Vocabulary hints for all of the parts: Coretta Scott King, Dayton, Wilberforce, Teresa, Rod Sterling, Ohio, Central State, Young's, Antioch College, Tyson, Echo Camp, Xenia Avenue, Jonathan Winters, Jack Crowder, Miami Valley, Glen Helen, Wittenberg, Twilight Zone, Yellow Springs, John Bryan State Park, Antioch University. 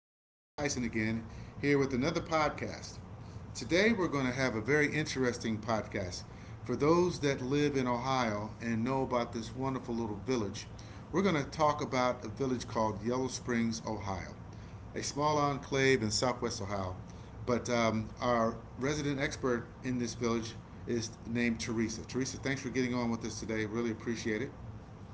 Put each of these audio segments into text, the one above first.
This is Tyson again, here with another podcast. Today, we're going to have a very interesting podcast. For those that live in Ohio and know about this wonderful little village, we're going to talk about a village called Yellow Springs, Ohio, a small enclave in southwest Ohio. But our resident expert in this village is named Teresa. Teresa, thanks for getting on with us today. Really appreciate it.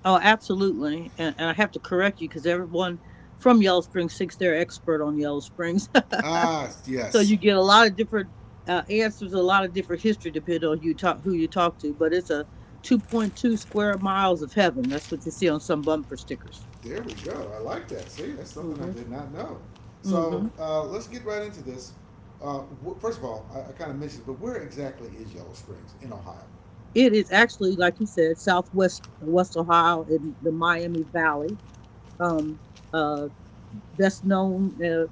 Oh, absolutely. And I have to correct you because everyone from Yellow Springs thinks they're expert on Yellow Springs. Ah, So yes. you get a lot of different answers, a lot of different history depending on who you talk to. But it's a 2.2 square miles of heaven. That's what you see on some bumper stickers. There we go. I like that. See, that's something I Mm-hmm. did not know. So Mm-hmm. uh, let's get right into this. Uh, First of all, I kind of mentioned, but where exactly is Yellow Springs in Ohio? It is actually, like you said, Southwest West Ohio in the Miami Valley. Um, uh, Best known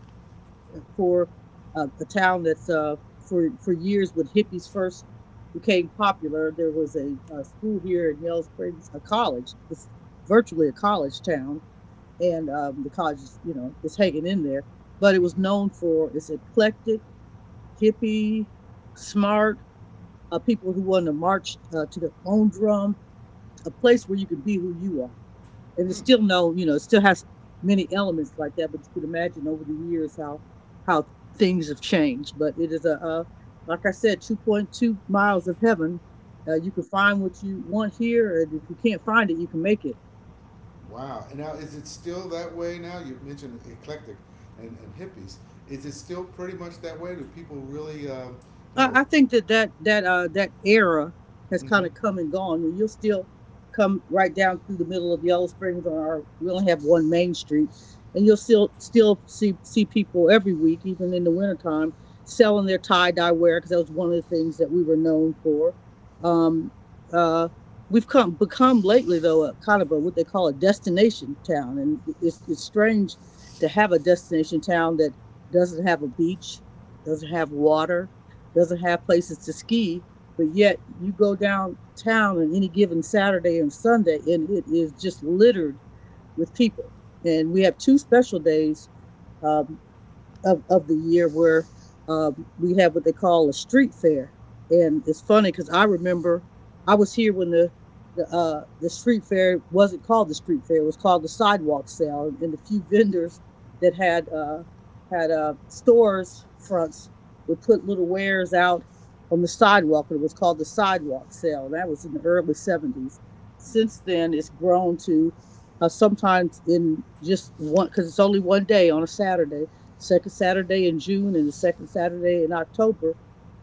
for a town that's for years when hippies first became popular. There was a school here in Yellow Springs, a college. It's virtually a college town, and the college is, you know, is hanging in there. But it was known Mm-hmm. for its eclectic, hippie, smart people who wanted to march to their own drum. A place where you could be who you are, and it's Mm. still no, you know, it still has many elements like that. But you can imagine over the years how how things have changed. But it is a like I said, 2.2 miles of heaven. You can find what you want here, and if you can't find it, you can make it. Wow. And now, is it still that way now? You mentioned eclectic and hippies. Is it still pretty much that way? Do people really, you know? I think that that era has kind Mm-hmm. of come and gone. And you'll still come right down through the middle of Yellow Springs, or our, we only have one main street, and you'll still see people every week, even in the wintertime, selling their tie dye wear because that was one of the things that we were known for. Um, uh, we've come become lately though a kind of a what they call a destination town, and it's strange to have a destination town that doesn't have a beach, doesn't have water, doesn't have places to ski, but yet you go downtown on any given Saturday and Sunday, and it is just littered with people. And we have two special days, um, of the year where we have what they call a street fair. And it's funny because I remember I was here when the street fair wasn't called the street fair; it was called the sidewalk sale. And the few vendors that had had stores fronts would put little wares out on the sidewalk, and it was called the sidewalk sale. That was in the early '70s. Since Mm. then, it's grown to sometimes in just one because it's only one day on a Saturday, second Saturday in June and the second Saturday in October,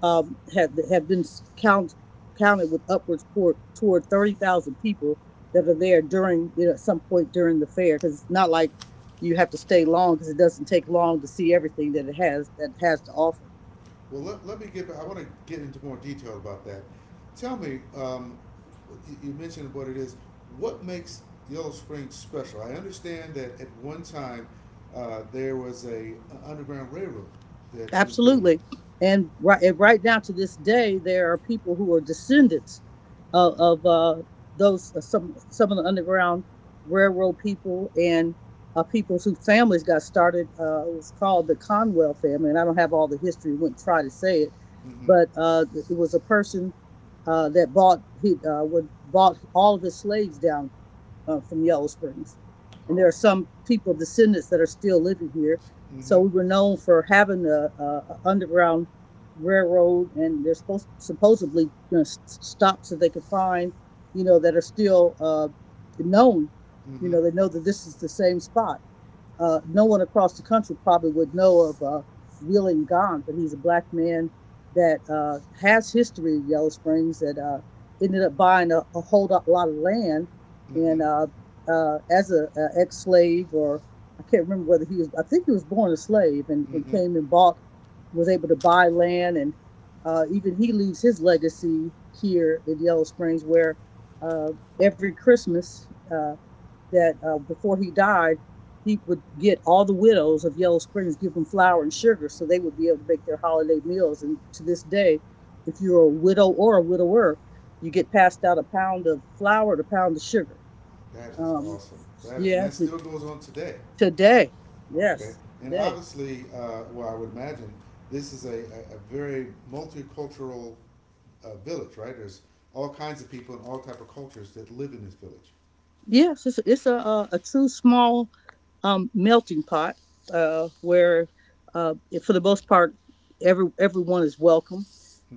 have been count, counted with upwards toward 30,000 people that are there during, you know, at some point during the fair because it's not like you have to stay long because it doesn't take long to see everything that it has to offer. Well, let me get back. I want to get into more detail about that. Tell me, you mentioned what it is. What makes Yellow Springs special? I understand that at one time there was a underground railroad that went through. Absolutely. And right now to this day, there are people who are descendants of those some of the underground railroad people and people whose families got started. It was called the Conwell family, and I don't have all the history. Wouldn't try to say it, Mm-hmm. but it was a person that bought he would bought all of his slaves down from Yellow Springs. And there are Oh. some people, descendants, that are still living here. So Mm-hmm. we were known for having underground railroad, and they're supposedly, you know, stops that they could find, you know, that are still known. You Mm-hmm. know, they know that this is the same spot. No one across the country probably would know of Wheeling Gone, but he's a black man that has history in Yellow Springs that ended up buying a whole lot of land. Mm-hmm. And As a ex-slave, or I can't remember whether he was, I think he was born a slave and Mm-hmm. came and bought, was able to buy land. And even he leaves his legacy here in Yellow Springs where, uh, every Christmas, uh, that before he died, he would get all the widows of Yellow Springs, give them flour and sugar so they would be able to make their holiday meals. And to this day, if you're a widow or a widower, you get passed out a pound of flour and a pound of sugar. That is Um, awesome. That and yeah, that still goes on today. today, Okay, yes, and today. obviously, well, I would imagine this is a very multicultural village, right? There's all kinds of people and all type of cultures that live in this village. Yes, it's a, a true small melting pot where, for the most part, everyone is welcome,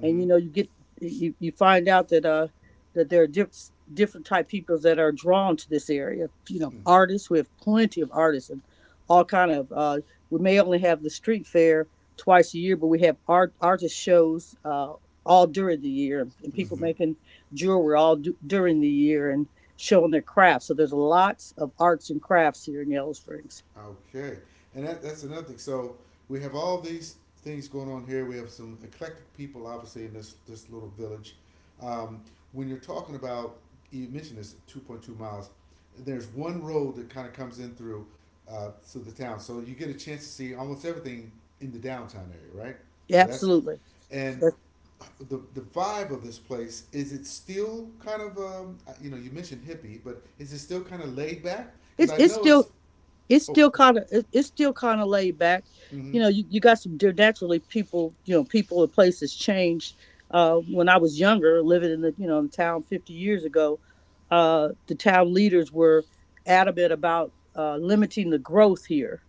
and you know you get you find out that that there are different type people that are drawn to this area. You know, Mm-hmm. artists. We have plenty of artists and all kind of. We may only have the street fair twice a year, but we have artist shows all during the year, and people Mm-hmm. making jewelry during the year, and showing their craft. So there's lots of arts and crafts here in Yellow Springs. Okay, and that's another thing. So we have all these things going on here. We have some eclectic people, obviously, in this little village. Um, when you're talking about, you mentioned this 2.2 miles. There's one road that kind of comes in through to the town, so you get a chance to see almost everything in the downtown area, right? Yeah, So that's absolutely. and That's, the vibe of this place is it still kind of you know you mentioned hippie, but is it still kind of laid back? Because it's I it's know it's still oh, sorry. It's still kind of laid back. Mm-hmm. You got some naturally people. You know, people and places change. When I was younger, living in the, you know, in the town 50 years ago, the town leaders were adamant about limiting the growth here,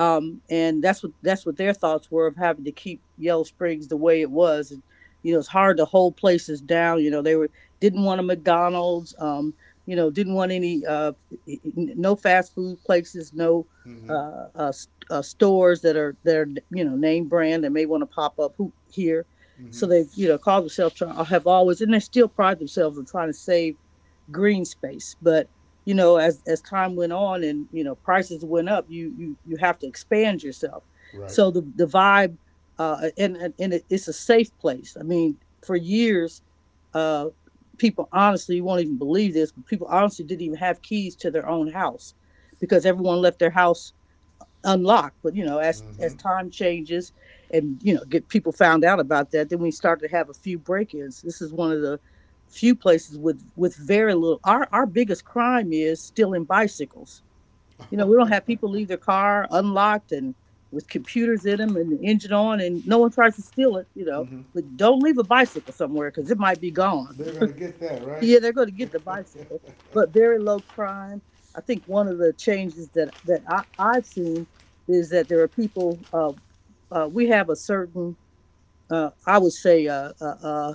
and that's what their thoughts were of having to keep Yellow Springs the way it was. And, you know, it's hard to hold places down. You know, they were didn't want a McDonald's. You know, didn't want any no fast food places, no Mm-hmm. uh, uh, stores that are their, you know, name brand that may want to pop up who, here. So Mm-hmm. they, you know, call themselves have always, and they still pride themselves on trying to save green space, but you know as time went on, and you know, prices went up, you you have to expand yourself Right. so the vibe and it's a safe place. I mean, for years, uh people honestly, you won't even believe this, but people honestly didn't even have keys to their own house because everyone left their house unlocked. But you know, as Mm-hmm. time changes, and you know, get people found out about that, then we start to have a few break-ins. This is one of the few places with very little. Our biggest crime is stealing bicycles. You know, we don't have people leave their car unlocked and with computers in them and the engine on, and no one tries to steal it. You know, mm-hmm. but don't leave a bicycle somewhere because it might be gone. They're gonna get that right. Yeah, they're going to get the bicycle, but very low crime. I think one of the changes that I've seen is that there are people. We have a certain, I would say,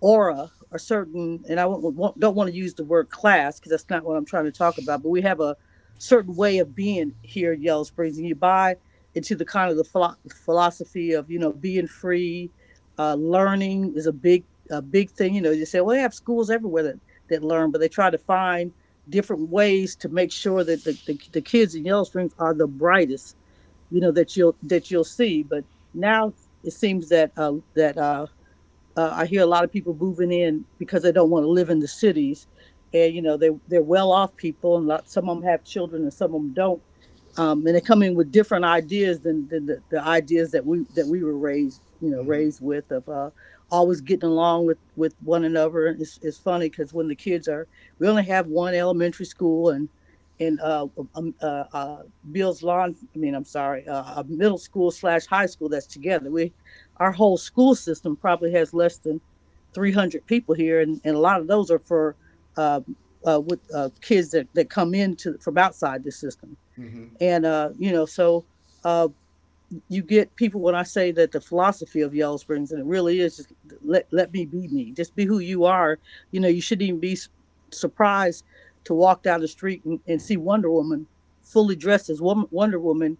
aura, a certain, and I don't want to use the word class because that's not what I'm trying to talk about, but we have a certain way of being here at Yellow Springs, and you buy into the kind of the philosophy of, you know, being free. Uh, learning is a big thing. You know, you say well they have schools everywhere that learn, but they try to find different ways to make sure that the kids in Yellow Springs are the brightest, you know, that you'll see. But now it seems that I hear a lot of people moving in because they don't want to live in the cities, and you know they they're well off people, and some of them have children and some of them don't, and they're coming with different ideas than the ideas that we were raised, you know, mm-hmm. raised with of, always getting along with one another. It's funny because when the kids are, we only have one elementary school and um, uh, uh, Bill's lawn I mean I'm sorry a middle school slash high school that's together. We our whole school system probably has less than 300 people here, and a lot of those are for uh, with kids that come into from outside the system Mm-hmm. You know, so uh, you get people when I say that the philosophy of Yellow Springs, and it really is just let me be me, just be who you are. You know, you shouldn't even be surprised to walk down the street and see Wonder Woman fully dressed as Wonder Woman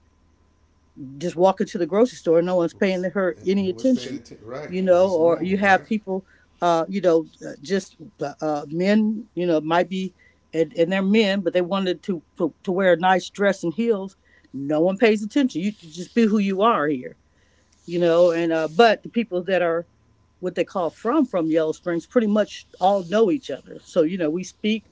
just walking to the grocery store. No one's paying her And any no one's paying attention. attention, right? You Because know, it's or normal, you have right? people, just men, you know, might be, and they're men, but they wanted to, to wear a nice dress and heels. No one pays attention. You just be who you are here, you know. And but the people that are what they call from Yellow Springs pretty much all know each other, so you know we speak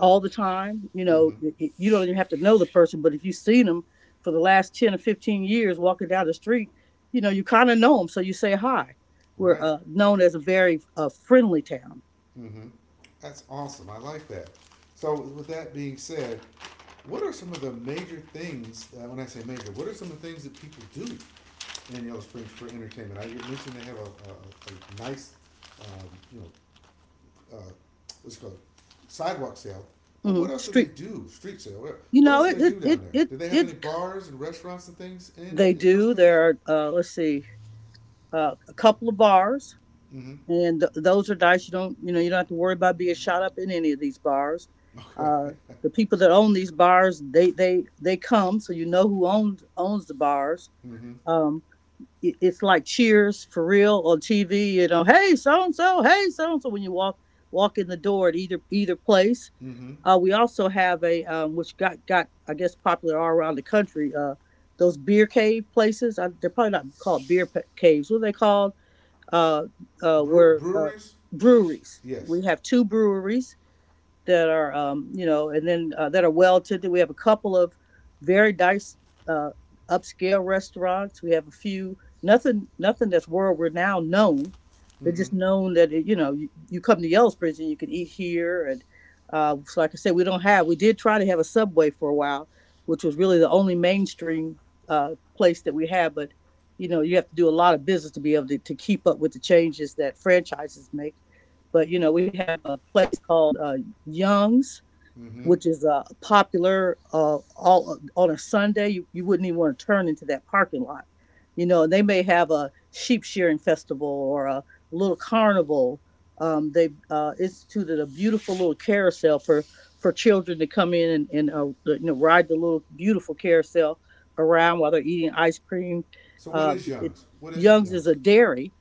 all the time. You know, Mm-hmm. you don't even have to know the person, but if you've seen them for the last 10 or 15 years walking down the street, you know, you kind of know them. So you say hi. We're Right. Known as a very friendly town. Mm-hmm. That's awesome. I like that. So, with that being said, what are some of the major things? When I say major, what are some of the things that people do in Yellow Springs for entertainment? I you mentioned they have a nice, um, you know, uh, what's it called sidewalk sale. But Hmm. what else do they Street, do? Street sale. you What know, else do they do down there? Do they have any bars and restaurants and things they in Yellow do. Springs? There are, let's see, a couple of bars. Mm-hmm. And those are dice. You don't, you know, you don't have to worry about being shot up in any of these bars. Okay. uh the people that own these bars, they come, so you know who owns the bars. mm-hmm. um it, it's like Cheers for real on TV. You know, hey so and so hey so and so when you walk in the door at either place. Mm-hmm. We also have a which got I guess popular all around the country. Those beer cave places, I, they're probably not called beer caves. What are they called? Uh, Brew- were breweries? Breweries. Yes. We have two breweries that are, you know, and then, that are well attended. We have a couple of very nice uh, upscale restaurants. We have a few, nothing that's world renowned known. They're Mm-hmm. just known that it, you know, you come to Yellow Springs and you can eat here. And so like I said, we don't have. We did try to have a Subway for a while, which was really the only mainstream place that we had. But you know, you have to do a lot of business to be able to keep up with the changes that franchises make. But you know, we have a place called Young's, Mm-hmm. which is popular all on a Sunday. You wouldn't even want to turn into that parking lot. You know, they may have a sheep shearing festival or a little carnival. They, instituted a beautiful little carousel for children to come in and, you know, ride the little beautiful carousel around while they're eating ice cream. So what Uh, is it, Young's? What is Young's is a Young's? dairy,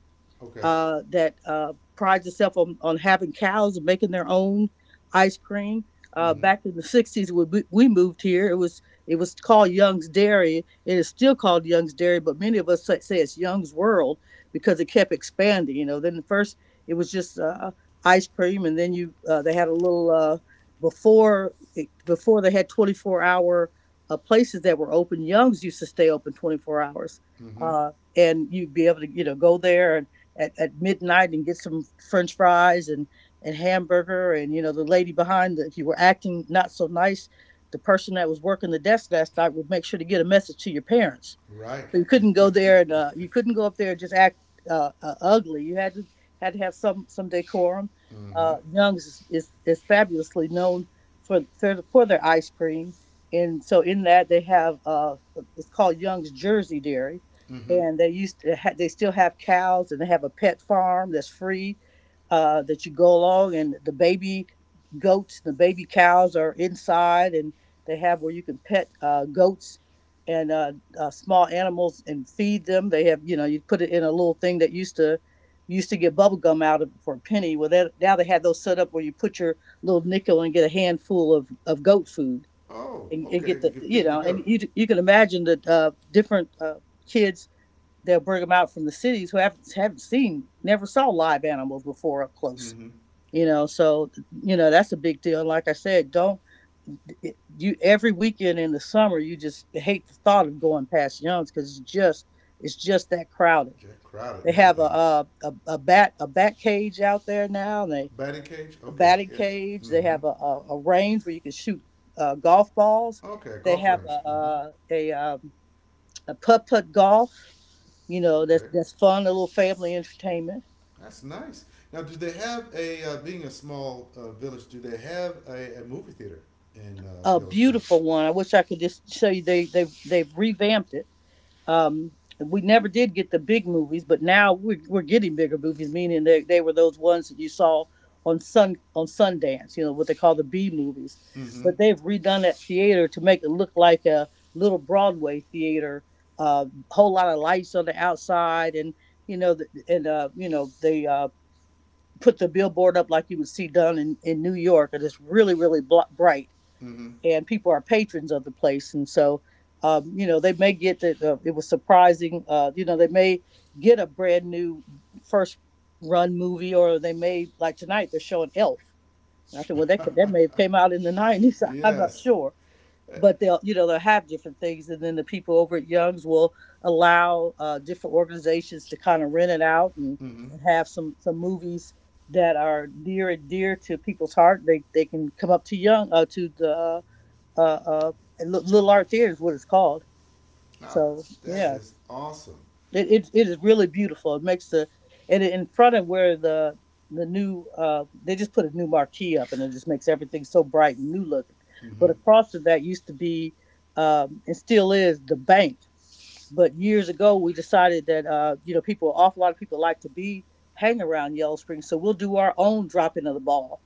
Okay. That prides itself on having cows and making their own ice cream. Mm-hmm. Back in the '60s, when we moved here, it was called Young's Dairy. It is still called Young's Dairy, but many of us say it's Young's World because it kept expanding. You know, then first it was just, ice cream, and then, you, they had a little, before before they had 24 hour places that were open. Young's used to stay open 24 hours, Mm-hmm. And you'd be able to, you know, go there at midnight and get some french fries and hamburger. And you know, the lady behind the, if you were acting not so nice, the person that was working the desk last night would make sure to get a message to your parents. Right. So you couldn't go there, and, you couldn't go up there and just act, ugly. You had to, had to have some decorum. Mm-hmm. Young's is, is fabulously known for their ice cream, and so in that they have, it's called Young's Jersey Dairy, Mm-hmm. and they used to they still have cows, and they have a pet farm that's free, that you go along and the baby goats, the baby cows are inside. And they have where you can pet, goats and, small animals and feed them. They have, you know, you put it in a little thing that used to, used to get bubble gum out of for a penny. Well, that, now they have those set up where you put your little nickel and get a handful of goat food, Oh, and okay. get You the, can you feed the know, and goat. you can imagine that, different, kids, they'll bring them out from the cities, who haven't seen, never saw live animals before up close, Mm-hmm. you know. So you know, that's a big deal. And like I said, don't you, every weekend in the summer, you just hate the thought of going past Young's because it's just, it's just that crowded. Jack Crowder They and have a, everything. a bat cage out there now, and they, Batting cage? a Okay. batting Yeah. cage. They Mm-hmm. have a range where you can shoot, golf balls. Okay, They golf have range. a, Hmm. a putt putt golf, you know, that's Okay, that's fun, a little family entertainment. that's nice. Now, do they have a being a small village? Do they have a movie theater in A Yellow Springs? beautiful one, I wish I could just show you. They they've revamped it. Um, we never did get the big movies, but now we're getting bigger movies, meaning they were those ones that you saw on Sundance. You know what they call the B movies. Mm-hmm. But they've redone that theater to make it look like a little Broadway theater. A, whole lot of lights on the outside, and you know, the, and you know, they, put the billboard up like you would see done in New York, and it's really, really bright, Mm-hmm. and people are patrons of the place. And so, you know, they may get that, it was surprising, you know, they may get a brand new first run movie, or they may, like tonight, they're showing Elf. And I think, well, that, that may have came out in the 90s, I'm not Yes. sure. Uh, But they'll, you know, they'll have different things. And then the people over at Young's will allow, different organizations to kind of rent it out, mm-hmm. and have some movies that are near and dear to people's heart. They can come up to young, to the uh, uh, Little Art Theater is what it's called. Wow, So that yeah, is awesome. It is really beautiful. It makes the, and in front of where the new, they just put a new marquee up, and it just makes everything so bright and new looking. Mm-hmm. But across from that used to be, and still is, the bank. But years ago, we decided that, you know, people, an awful lot of people like to be, hang around Yellow Springs, so we'll do our own dropping of the ball.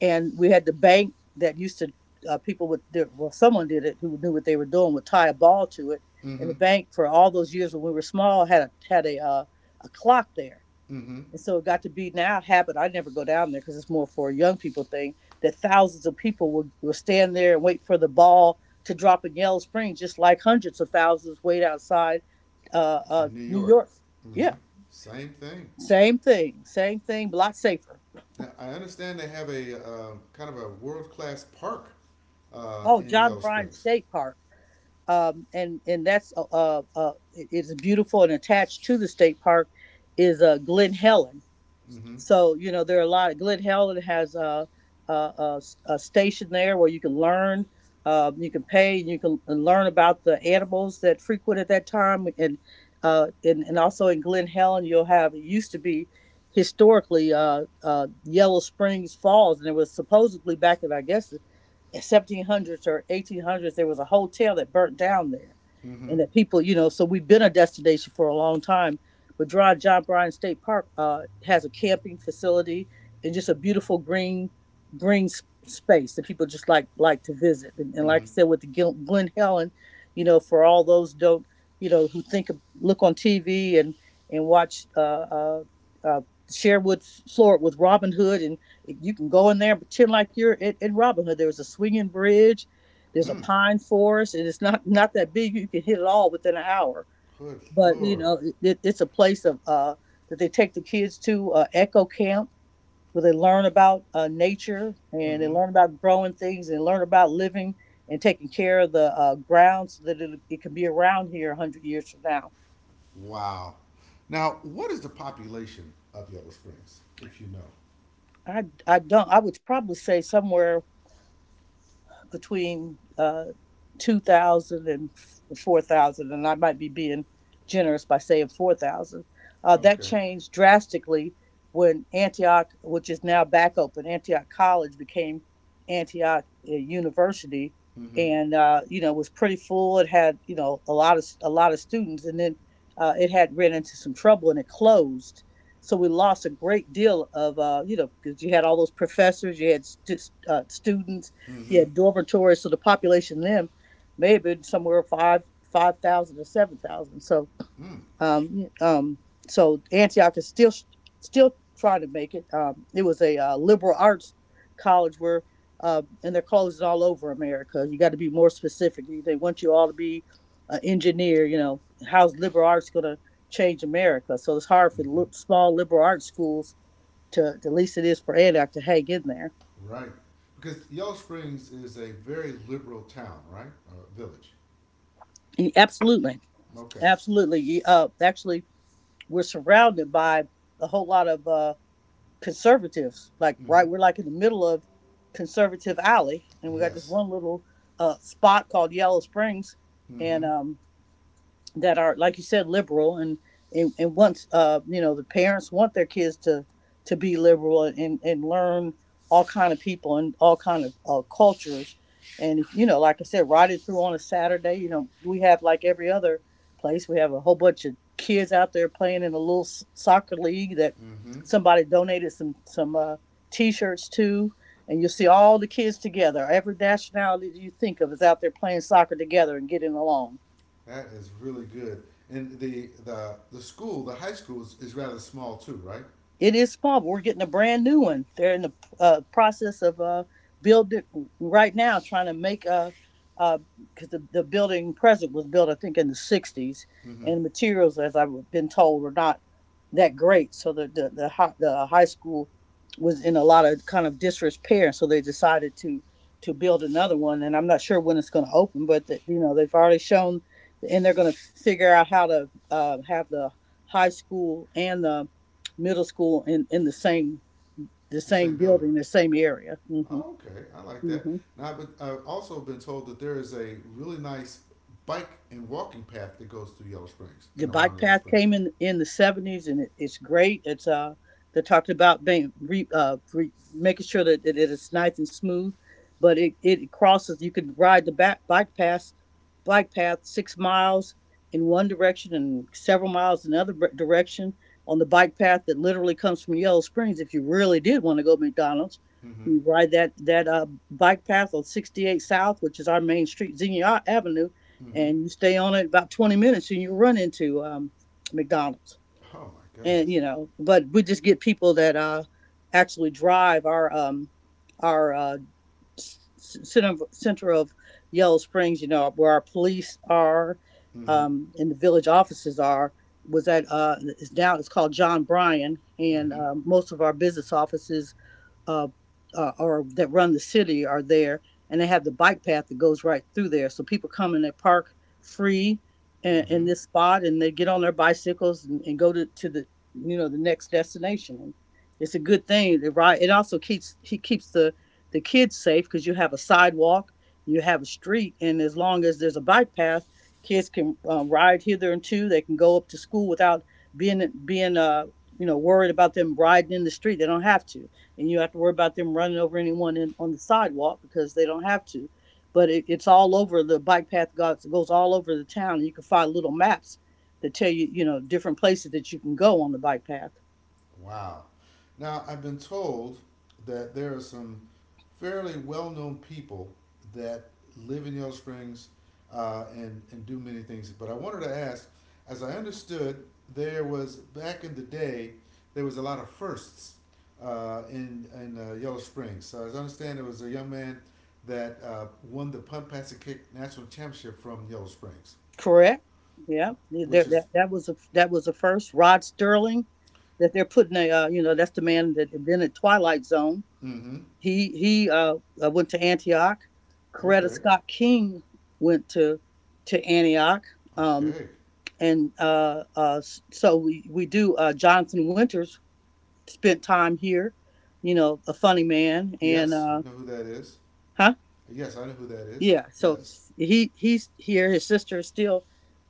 And we had the bank that used to, people would, well, someone did it who knew what they were doing, would tie a ball to it, and Mm-hmm. the bank for all those years when we were small had a had a clock there. Mm-hmm. And so it got to be now a habit. I never go down there because it's more for a young people thing. That thousands of people will stand there and wait for the ball to drop in Yellow Springs, just like hundreds of thousands wait outside, In New New York. York. Mm-hmm. Yeah, Same thing. Same thing, but a lot safer. Now, I understand they have a kind of a world class park Oh, in John Yellow Bryan Springs. State Park, and that's, it's beautiful. And attached to the state park is, Glen Helen. Mm-hmm. So you know, there are a lot. Glen Helen has a, a a, a station there where you can learn, you can pay, and you can learn about the animals that frequent at that time. And, and also in Glen Helen, you'll have, it used to be historically, Yellow Springs Falls, and it was supposedly back in, I guess, 1700s or 1800s there was a hotel that burnt down there. Mm-hmm. And that people, you know, so we've been a destination for a long time. But dry John Bryan State Park, has a camping facility, and just a beautiful green green space that people just like to visit. And like Mm-hmm. I said, with the Glen Helen, you know, for all those, don't you know, who think of, look on TV and watch, uh Sherwood Florida, with Robin Hood. And you can go in there and pretend like you're in Robin Hood. There's a swinging bridge, there's a Mm. pine forest, and it's not that big. You can hit it all within an hour. Good But you Lord. know, it's a place of that they take the kids to Echo Camp, where they learn about nature, and they Hmm. learn about growing things and learn about living and taking care of the ground so that it can be around here 100 years from now. Wow. Now, what is the population of Yellow Springs, if you know? I don't. I would probably say somewhere between 2,000 and 4,000, and I might be being generous by saying 4,000. That Okay. changed drastically when Antioch, which is now back open, Antioch College became Antioch University, Mm-hmm. and you know was pretty full. It had you know a lot of students, and then it had ran into some trouble and it closed. So we lost a great deal of, you know, because you had all those professors, you had students, he Mm-hmm. had dormitories, so the population then may have been somewhere five thousand to 7,000. So Mm. um um so Antioch is still trying to make it. It was a liberal arts college where. And they're colleges all over America. You got to be more specific. They want you all to be an engineer. You know, how's liberal arts going to change America? So it's hard for Mm-hmm. small liberal arts schools to, at least it is for Antioch to hang in there. Right. Because Yellow Springs is a very liberal town, right? Or village. And Absolutely. Okay. Absolutely. Actually, we're surrounded by a whole lot of conservatives. Like, Mm-hmm. right, we're like in the middle of conservative alley, and we got this Yes. one little spot called Yellow Springs, Mm-hmm. and that are like you said liberal and once you know the parents want their kids to be liberal and learn all kind of people and all kind of cultures and if, you know, like I said, riding through on a Saturday, you know, we have like every other place, we have a whole bunch of kids out there playing in a little soccer league that Mm-hmm. somebody donated some t-shirts to, and you'll see all the kids together, every nationality you think of is out there playing soccer together and getting along. That is really good. And the school, the high school is rather small too, right? It is small, but we're getting a brand new one. They're in the process of building right now, trying to make a uh, because the building present was built, I think, in the '60s, Mm-hmm. and materials, as I've been told, were not that great. So the high school was in a lot of kind of disrepair, so they decided to build another one. And I'm not sure when it's going to open, but the, you know, they've already shown, and they're going to figure out how to have the high school and the middle school in the The same same building. building, the same area. Oh, okay, I like that. hmm Now, I've also been told that there is a really nice bike and walking path that goes through Yellow Springs the and bike around Yellow path Springs. came in the 70s, and it's great. It's They talked about making sure that it is nice and smooth, but it crosses, you could ride the back bike path 6 miles in one direction and several miles in another direction on the bike path that literally comes from Yellow Springs. If you really did want to go to McDonald's, Mm-hmm. you ride that bike path on 68 south, which is our main street, Xenia Avenue, Mm-hmm. and you stay on it about 20 minutes and you run into McDonald's. Oh my And goodness. you know, but we just get people that actually drive our center of Yellow Springs, you know, where our police are, Mm-hmm. And the village offices are. Was at it's now it's called John Bryan, and Mm-hmm. um, most of our business offices uh, or that run the city are there, and they have the bike path that goes right through there. So people come and they park free in Mm-hmm. this spot, and they get on their bicycles and go to the, you know, the next destination. And it's a good thing. It right. It also keeps he keeps the kids safe, because you have a sidewalk, you have a street, and as long as there's a bike path, kids can ride hither and to. They can go up to school without being you know worried about them riding in the street. They don't have to, and you have to worry about them running over anyone in, on the sidewalk, because they don't have to. But it, it's all over, the bike path goes all over the town. You can find little maps that tell you, you know, different places that you can go on the bike path. Wow. Now, I've been told that there are some fairly well known people that live in Yellow Springs and do many things. But I wanted to ask, as I understood, there was back in the day, there was a lot of firsts in Yellow Springs. So, as I understand, there was a young man that won the punt, pass, and kick national championship from Yellow Springs, Correct? Yeah. which There, is, that was a first. Rod Sterling, that they're putting a you know, that's the man that invented Twilight Zone. mm hmm. He went to Antioch. Coretta Okay, Scott King went to Antioch. Um, okay. and so we do. Jonathan Winters spent time here, you know, a funny man, and Yes, you know who that is? huh? Yes, I know who that is. Yeah, so Yes, he's here. His sister is still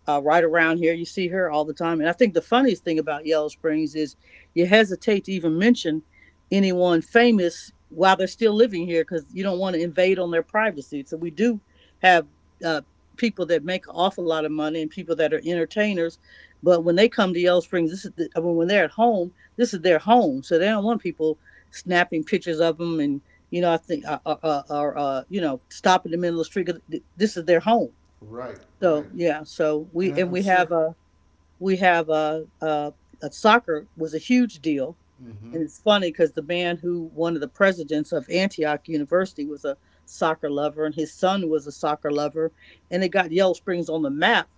right around here. You see her all the time, and I think the funniest thing about Yellow Springs is you hesitate to even mention anyone famous while they're still living here, because you don't want to invade on their privacy. So we do have uh, people that make an awful lot of money and people that are entertainers, but when they come to Yellow Springs, this is the, I mean, when they're at home, this is their home, so they don't want people snapping pictures of them and you know, I think, or you know, stop in the middle of the street. 'Cause this is their home. right, right, So yeah, so and I'm we have sure. a soccer was a huge deal, Mm-hmm. and it's funny because the man who, one of the presidents of Antioch University, was a soccer lover, and his son was a soccer lover, and it got Yellow Springs on the map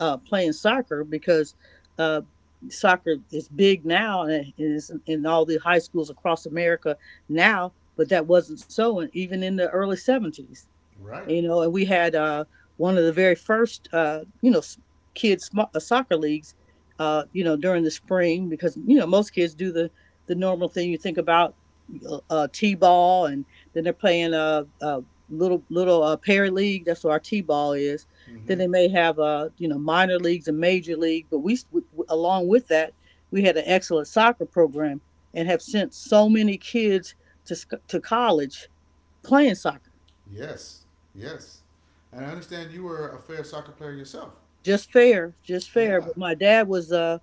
playing soccer, because uh, soccer is big now and is in all the high schools across America now, but that wasn't so in, even in the early 70s, Right. you know. And we had one of the very first you know kids soccer leagues, you know, during the spring, because you know most kids do the normal thing you think about, t-ball, and then they're playing a little parent league, that's what our t-ball is, Mm-hmm. then they may have you know minor leagues and major league, but we, along with that, we had an excellent soccer program and have sent so many kids to to college playing soccer. Yes. Yes. And I understand you were a fair soccer player yourself. Just fair, just fair. Yeah. But my dad was uh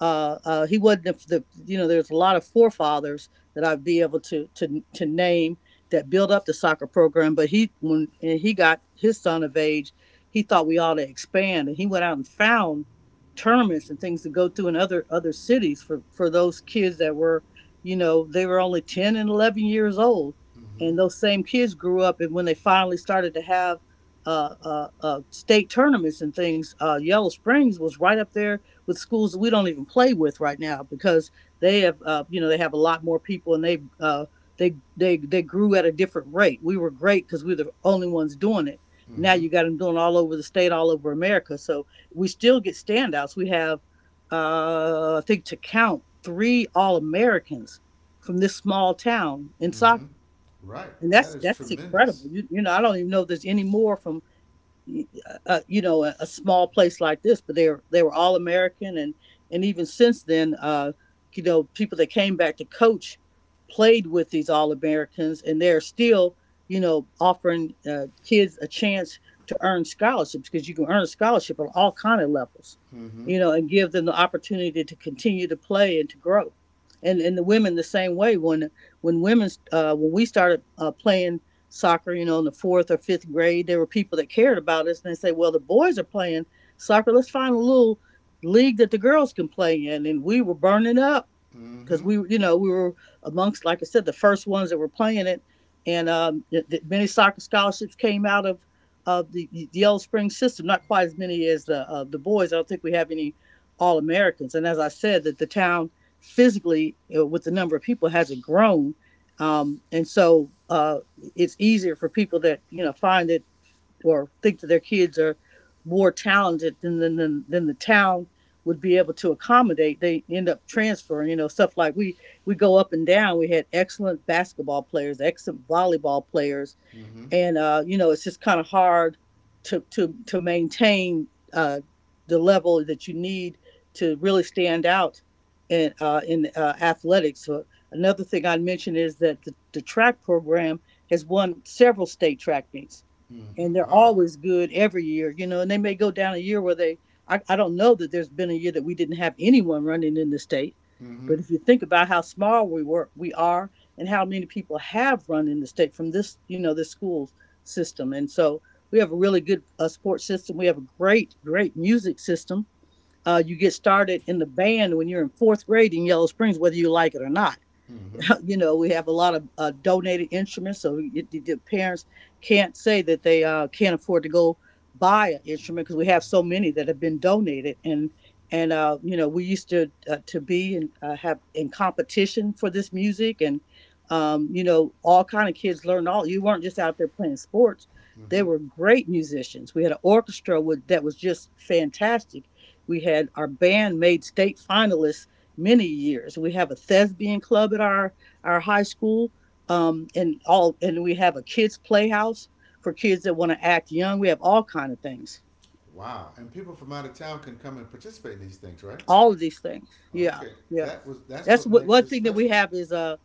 uh, uh, he wasn't the, you know, there's a lot of forefathers that I'd be able to name that built up the soccer program. But he when and he got his son of age, he thought we ought to expand, and he went out and found tournaments and things to go through in other cities for those kids that were, you know, they were only 10 and 11 years old, Mm-hmm. and those same kids grew up, and when they finally started to have state tournaments and things, Yellow Springs was right up there with schools we don't even play with right now, because they have you know they have a lot more people, and they they grew at a different rate. We were great because we were the only ones doing it. Now Mm-hmm. you got them doing all over the state, all over America. So we still get standouts. We have I think to count three All Americans from this small town in soccer, Mm-hmm. Right. and That that's is that's incredible. tremendous. You know, I don't even know if there's any more from you know, a small place like this, but they were all American, and even since then, uh, you know, people that came back to coach played with these All Americans, and they're still, you know, offering kids a chance to earn scholarships, because you can earn a scholarship on all kind of levels, Mm-hmm. you know, and give them the opportunity to continue to play and to grow, and the women the same way, when women when we started playing soccer, you know, in the fourth or fifth grade, there were people that cared about us and they say, well, the boys are playing soccer, let's find a little league that the girls can play in. And we were burning up because we, Mm-hmm. you know, we were amongst, like I said, the first ones that were playing it, and many soccer scholarships came out of the Yellow Spring system. Not quite as many as the boys. I don't think we have any All Americans. And as I said, that the town physically, with the number of people, hasn't grown, and so it's easier for people that you know find it or think that their kids are more talented than than the town would be able to accommodate. They end up transferring, you know, stuff like we go up and down. We had excellent basketball players, excellent volleyball players, Mm-hmm. and you know, it's just kind of hard to maintain the level that you need to really stand out in athletics. So another thing I'd mention is that the track program has won several state track meets, Mm-hmm. and they're Oh. always good every year, you know. And they may go down a year where they I don't know that there's been a year that we didn't have anyone running in the state. Mm-hmm. But if you think about how small we are and how many people have run in the state from this, you know, this school system. And so we have a really good sports system. We have a great, great music system. You get started in the band when you're in fourth grade in Yellow Springs, whether you like it or not. Mm-hmm. You know, we have a lot of donated instruments, so y the parents can't say that they can't afford to go buy an instrument because we have so many that have been donated. And you know, we used to be and have in competition for this music, and you know, all kind of kids learned all. You weren't just out there playing sports; they Mm-hmm. were great musicians. We had an orchestra that was just fantastic. We had our band made state finalists many years. We have a thespian club at our high school, and and we have a kids playhouse for kids that want to act young. We have all kind of things, Wow. And people from out of town can come and participate in these things, right? all of these things. Yeah, Okay. yeah. That was that's That's what what makes one this thing that we special. have is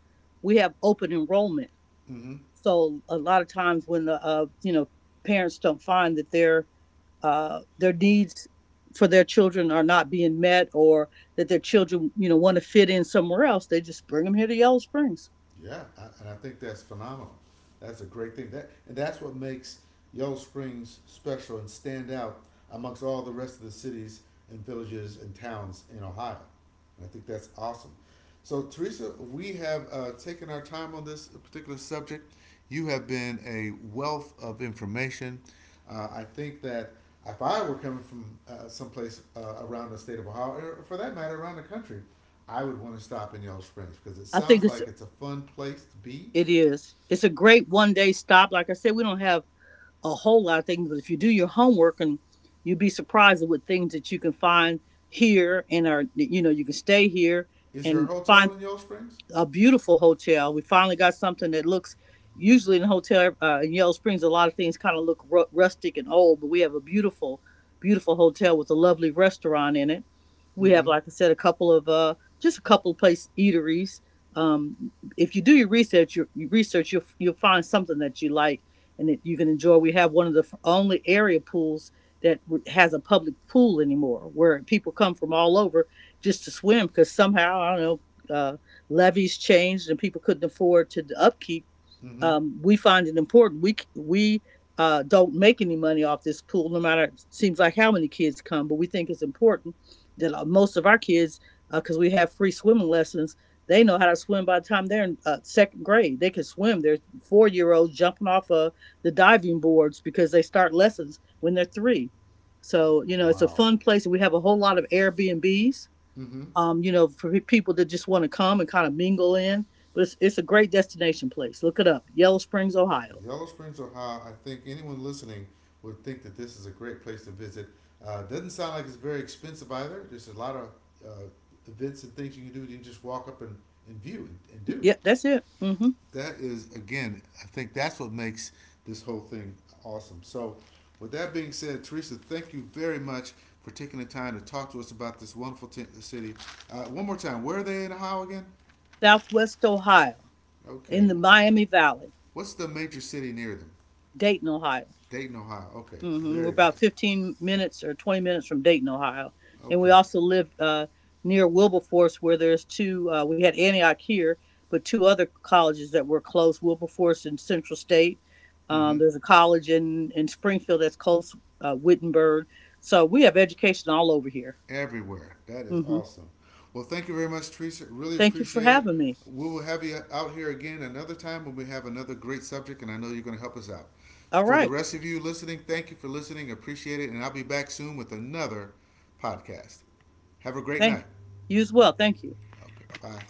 we have open enrollment. Mm-hmm. So a lot of times when the you know parents don't find that their needs for their children are not being met, or that their children you know want to fit in somewhere else, they just bring them here to Yellow Springs. Yeah, I, and I think that's phenomenal. That's a great thing. That and that's what makes Yellow Springs special and stand out amongst all the rest of the cities and villages and towns in Ohio. And I think that's awesome. So Teresa, we have taken our time on this particular subject. You have been a wealth of information. I think that if I were coming from someplace around the state of Ohio, or for that matter, around the country, I would want to stop in Yellow Springs because it I think sounds it's like it's a fun place to be. It is. It's a great one day stop. Like I said, we don't have a whole lot of things, but if you do your homework, and you'd be surprised at what things that you can find here and are, you know, you can stay here Is there a and hotel find in Yellow Springs? a beautiful hotel. We finally got something that looks. Usually in the hotel in Yellow Springs, a lot of things kind of look rustic and old, but we have a beautiful, beautiful hotel with a lovely restaurant in it. We have, Mm-hmm. like I said, a couple of just a couple of place eateries. If you do your research, your research, you'll find something that you like and that you can enjoy. We have one of the only area pools that has a public pool anymore, where people come from all over just to swim because somehow I don't know levies changed and people couldn't afford to upkeep. Mm-hmm. We find it important. We don't make any money off this pool, no matter it seems like how many kids come, but we think it's important that most of our kids, because we have free swimming lessons, they know how to swim by the time they're in second grade. They can swim. They're 4 year olds jumping off of the diving boards because they start lessons when they're three. So you know, it's a Wow. fun place. We have a whole lot of Airbnbs, Mm-hmm. You know, for people that just want to come and kind of mingle in. But it's a great destination place. Look it up, Yellow Springs, Ohio. Yellow Springs, Ohio. I think anyone listening would think that this is a great place to visit. Doesn't sound like it's very expensive either. There's a lot of uh, events and things you can do that you just walk up and view and do. Yep, that's it. Hmm. That is again I think that's what makes this whole thing awesome. So with that being said, Teresa, thank you very much for taking the time to talk to us about this wonderful city. Uh, one more time, where are they in Ohio again? Southwest Ohio, in Okay. the Miami Valley, What's the major city near them? Dayton, Ohio. Dayton, Ohio. Okay. Hmm. We're Very about good. 15 minutes or 20 minutes from Dayton, Ohio. And we Okay. also live near Wilberforce, where there's two, we had Antioch here, but two other colleges that were close, Wilberforce and Central State. Mm-hmm. There's a college in Springfield that's close, Wittenberg. So we have education all over here. Everywhere. That is Hmm. awesome. Well, thank you very much, Teresa. Really Thank you for appreciate it. having me. We will have you out here again another time when we have another great subject, and I know you're going to help us out. All For the right. rest of you listening, thank you for listening. Appreciate it. And I'll be back soon with another podcast. Have a great night. Thank you as well. Thank you. Okay, bye.